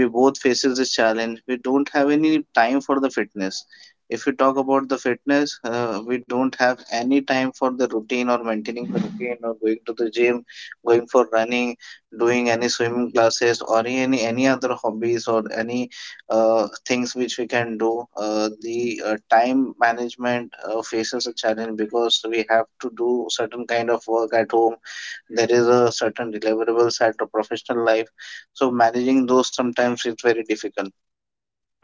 A: we both faces this challenge. We don't have any time for the fitness. If we talk about the fitness, we don't have any time for the routine or maintaining the routine, or going to the gym, going for running, doing any swimming classes, or any other hobbies, or any things which we can do. The time management faces a challenge, because we have to do certain kind of work at home. There is a certain deliverables at the professional life, so managing those, sometimes it's very difficult.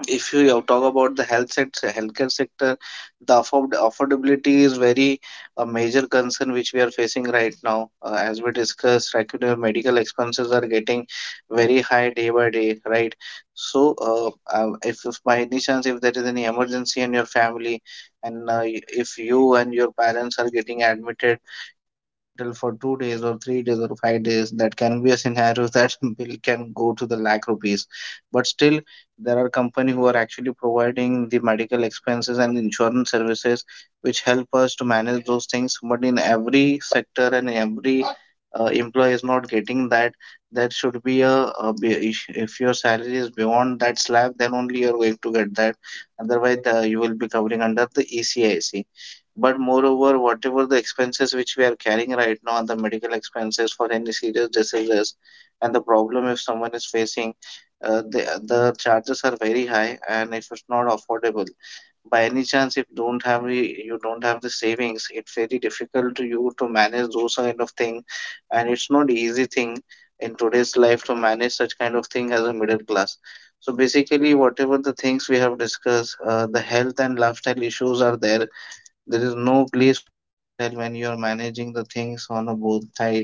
A: If you talk about the health sector, healthcare sector, the affordability is very a major concern which we are facing right now. As we discussed, regular medical expenses are getting very high day by day, right? So, if by any chance, if there is any emergency in your family, and if you and your parents are getting admitted hospital for 2 days or 3 days or 5 days, that can be a scenario that bill can go to the lakh rupees. But still, there are company who are actually providing the medical expenses and insurance services, which help us to manage those things. But in every sector and every employee is not getting that. That should be a, if your salary is beyond that slab, then only you're going to get that. Otherwise, you will be covering under the ECIC. But moreover, whatever the expenses which we are carrying right now and the medical expenses for any serious diseases and the problem, if someone is facing, the charges are very high, and if it's not affordable, by any chance if don't have the- you don't have the savings, it's very difficult to you to manage those kind of thing, and it's not easy thing in today's life to manage such kind of thing as a middle class. So basically, whatever the things we have discussed, the health and lifestyle issues are there. There is no place for yourself when you are managing the things on a both side,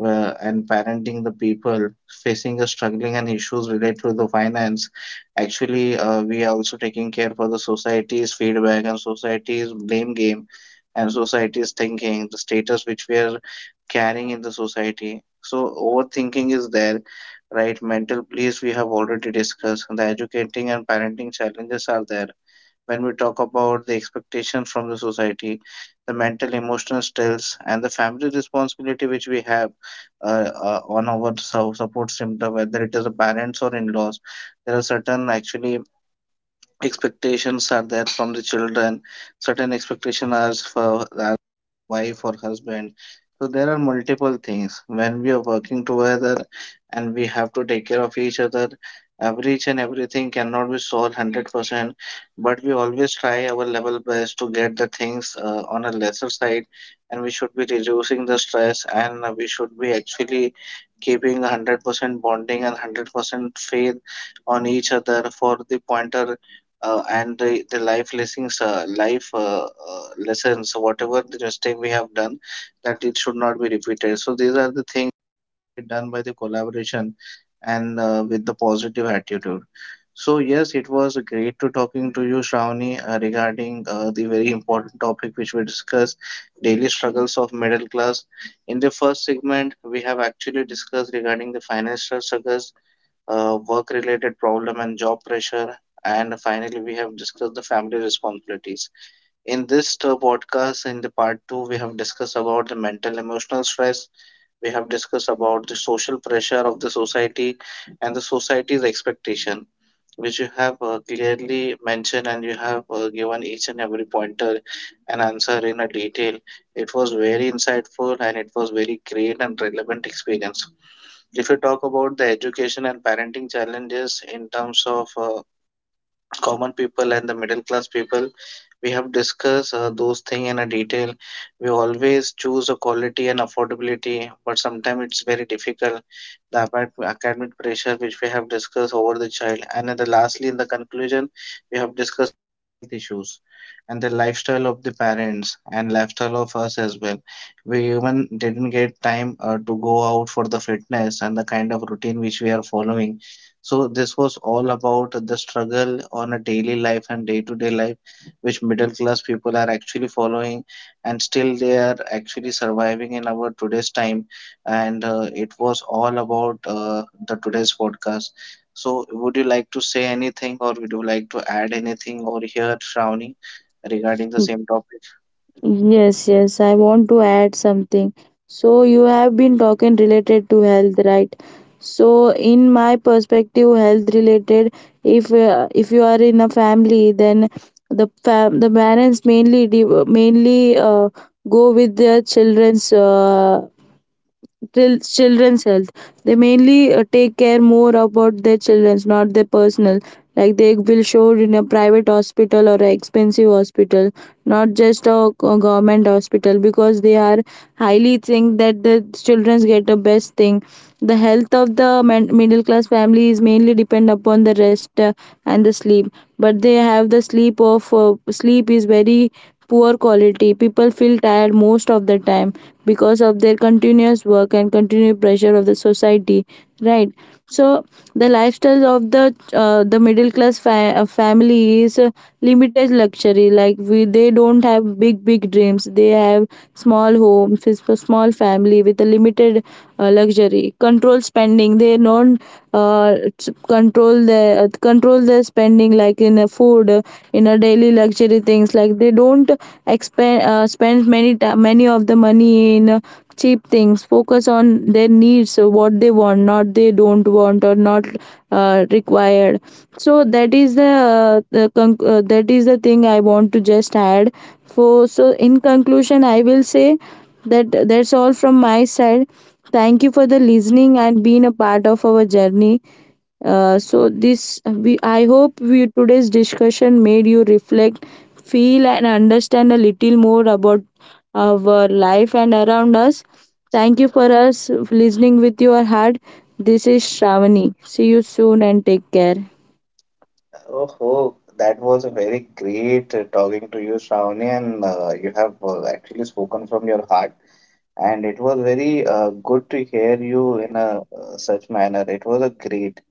A: and parenting, the people facing a struggling and issues related to the finance. Actually, we are also taking care for the society's feedback and society's blame game and society's thinking, the status which we are carrying in the society, so overthinking is there, right? Mental place, we have already discussed the educating and parenting challenges are there. When we talk about the expectation from the society, the mental, emotional stress, and the family responsibility which we have uh, on our support system, whether it is the parents or in laws, there are certain actually expectations are there from the children, certain expectation are for our wife or husband. So there are multiple things when we are working together, and we have to take care of each other. Every each and everything cannot be solved 100%, but we always try our level best to get the things on a lesser side, and we should be reducing the stress, and we should be actually keeping a 100% bonding and 100% faith on each other for the pointer, and the life lessons, life lessons whatever the mistake we have done, that it should not be repeated. So these are the things done by the collaboration and with the positive attitude. So yes, it was great to talking to you, Shravani, regarding the very important topic which we discussed, daily struggles of middle class. In the first segment, we have actually discussed regarding the financial struggles, work related problem and job pressure, and finally, we have discussed the family responsibilities. In this podcast in the part 2, we have discussed about the mental, emotional stress, we have discussed about the social pressure of the society and the society's expectation, which you have clearly mentioned, and you have given each and every pointer and answer in a detail. It was very insightful, and it was very great and relevant experience. If you talk about the education and parenting challenges in terms of common people and the middle class people, we have discussed those things in a detail. We always choose a quality and affordability, but sometimes it's very difficult. The academic pressure which we have discussed over the child, and then the lastly in the conclusion, we have discussed health issues and the lifestyle of the parents and lifestyle of us as well. We even didn't get time to go out for the fitness and the kind of routine which we are following. So this was all about the struggle on a daily life and day-to-day life, which middle class people are actually following, and still they are actually surviving in our today's time. And it was all about the today's podcast. So would you like to say anything, or would you like to add anything, or hear Shravani regarding the same topic?
B: Yes, yes, I want to add something. So, you have been talking related to health, right? So, in my perspective, health related, if you are in a family, then the the parents mainly mainly go with their children's till children's health. They mainly take care more about their children's, not their personal. Like, they will show in a private hospital or a expensive hospital, not just a government hospital, because they are highly think that the children's get the best thing. The health of the middle class family is mainly depend upon the rest and the sleep. But they have the sleep of sleep is very poor quality. People feel tired most of the time because of their continuous work and continued pressure of the society, right? So the lifestyle of the the middle class family is limited luxury. Like we, they don't have big big dreams. They have small homes. It's a small family with a limited luxury. Control spending. They don't control their, control their spending, like in a food, in a daily luxury things. Like, they don't expend spend many of the money in. Cheap things, focus on their needs. So what they want, not they don't want or not required. So that is the, that is the thing I want to just add for. So in conclusion, I will say that that's all from my side. Thank you for the listening and being a part of our journey. So this we I hope today's discussion made you reflect, feel and understand a little more about our life and around us. Thank you for us listening with your heart. This is Shravani. See you soon and take care.
A: Oh, that was a very great talking to you, Shravani, and you have actually spoken from your heart, and it was very good to hear you in a such manner. It was a great,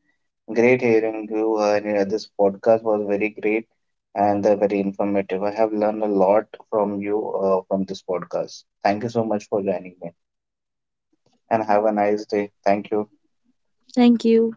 A: great hearing you, and this podcast was very great and very informative. I have learned a lot from you from this podcast. Thank you so much for joining me, and have a nice day. Thank you.
B: Thank you.